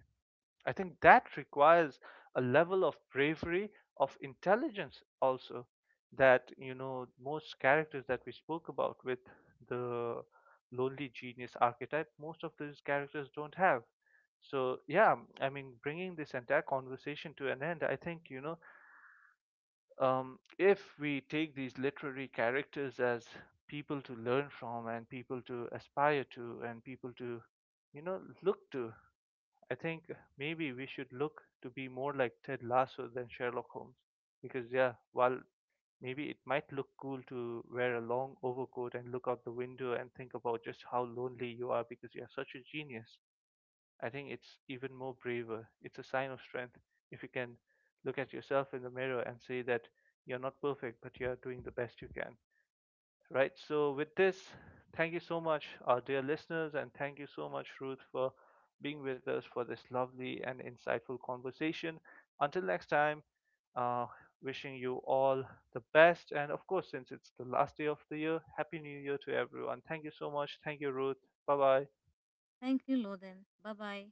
[SPEAKER 1] I think that requires a level of bravery, of intelligence also that, you know, most characters that we spoke about with the lonely genius archetype, most of these characters don't have. So, yeah, I mean, bringing this entire conversation to an end, I think, if we take these literary characters as people to learn from and people to aspire to and people to, you know, look to, I think maybe we should look to be more like Ted Lasso than Sherlock Holmes. Because, yeah, while maybe it might look cool to wear a long overcoat and look out the window and think about just how lonely you are because you're such a genius, I think it's even more braver. It's a sign of strength if you can look at yourself in the mirror and say that you're not perfect, but you're doing the best you can. Right. So, with this, thank you so much, our dear listeners, and thank you so much, Ruth, for being with us for this lovely and insightful conversation. Until next time, uh, wishing you all the best. And of course, since it's the last day of the year, Happy New Year to everyone. Thank you so much. Thank you, Ruth. Bye bye.
[SPEAKER 2] Thank you, Loden. Bye bye.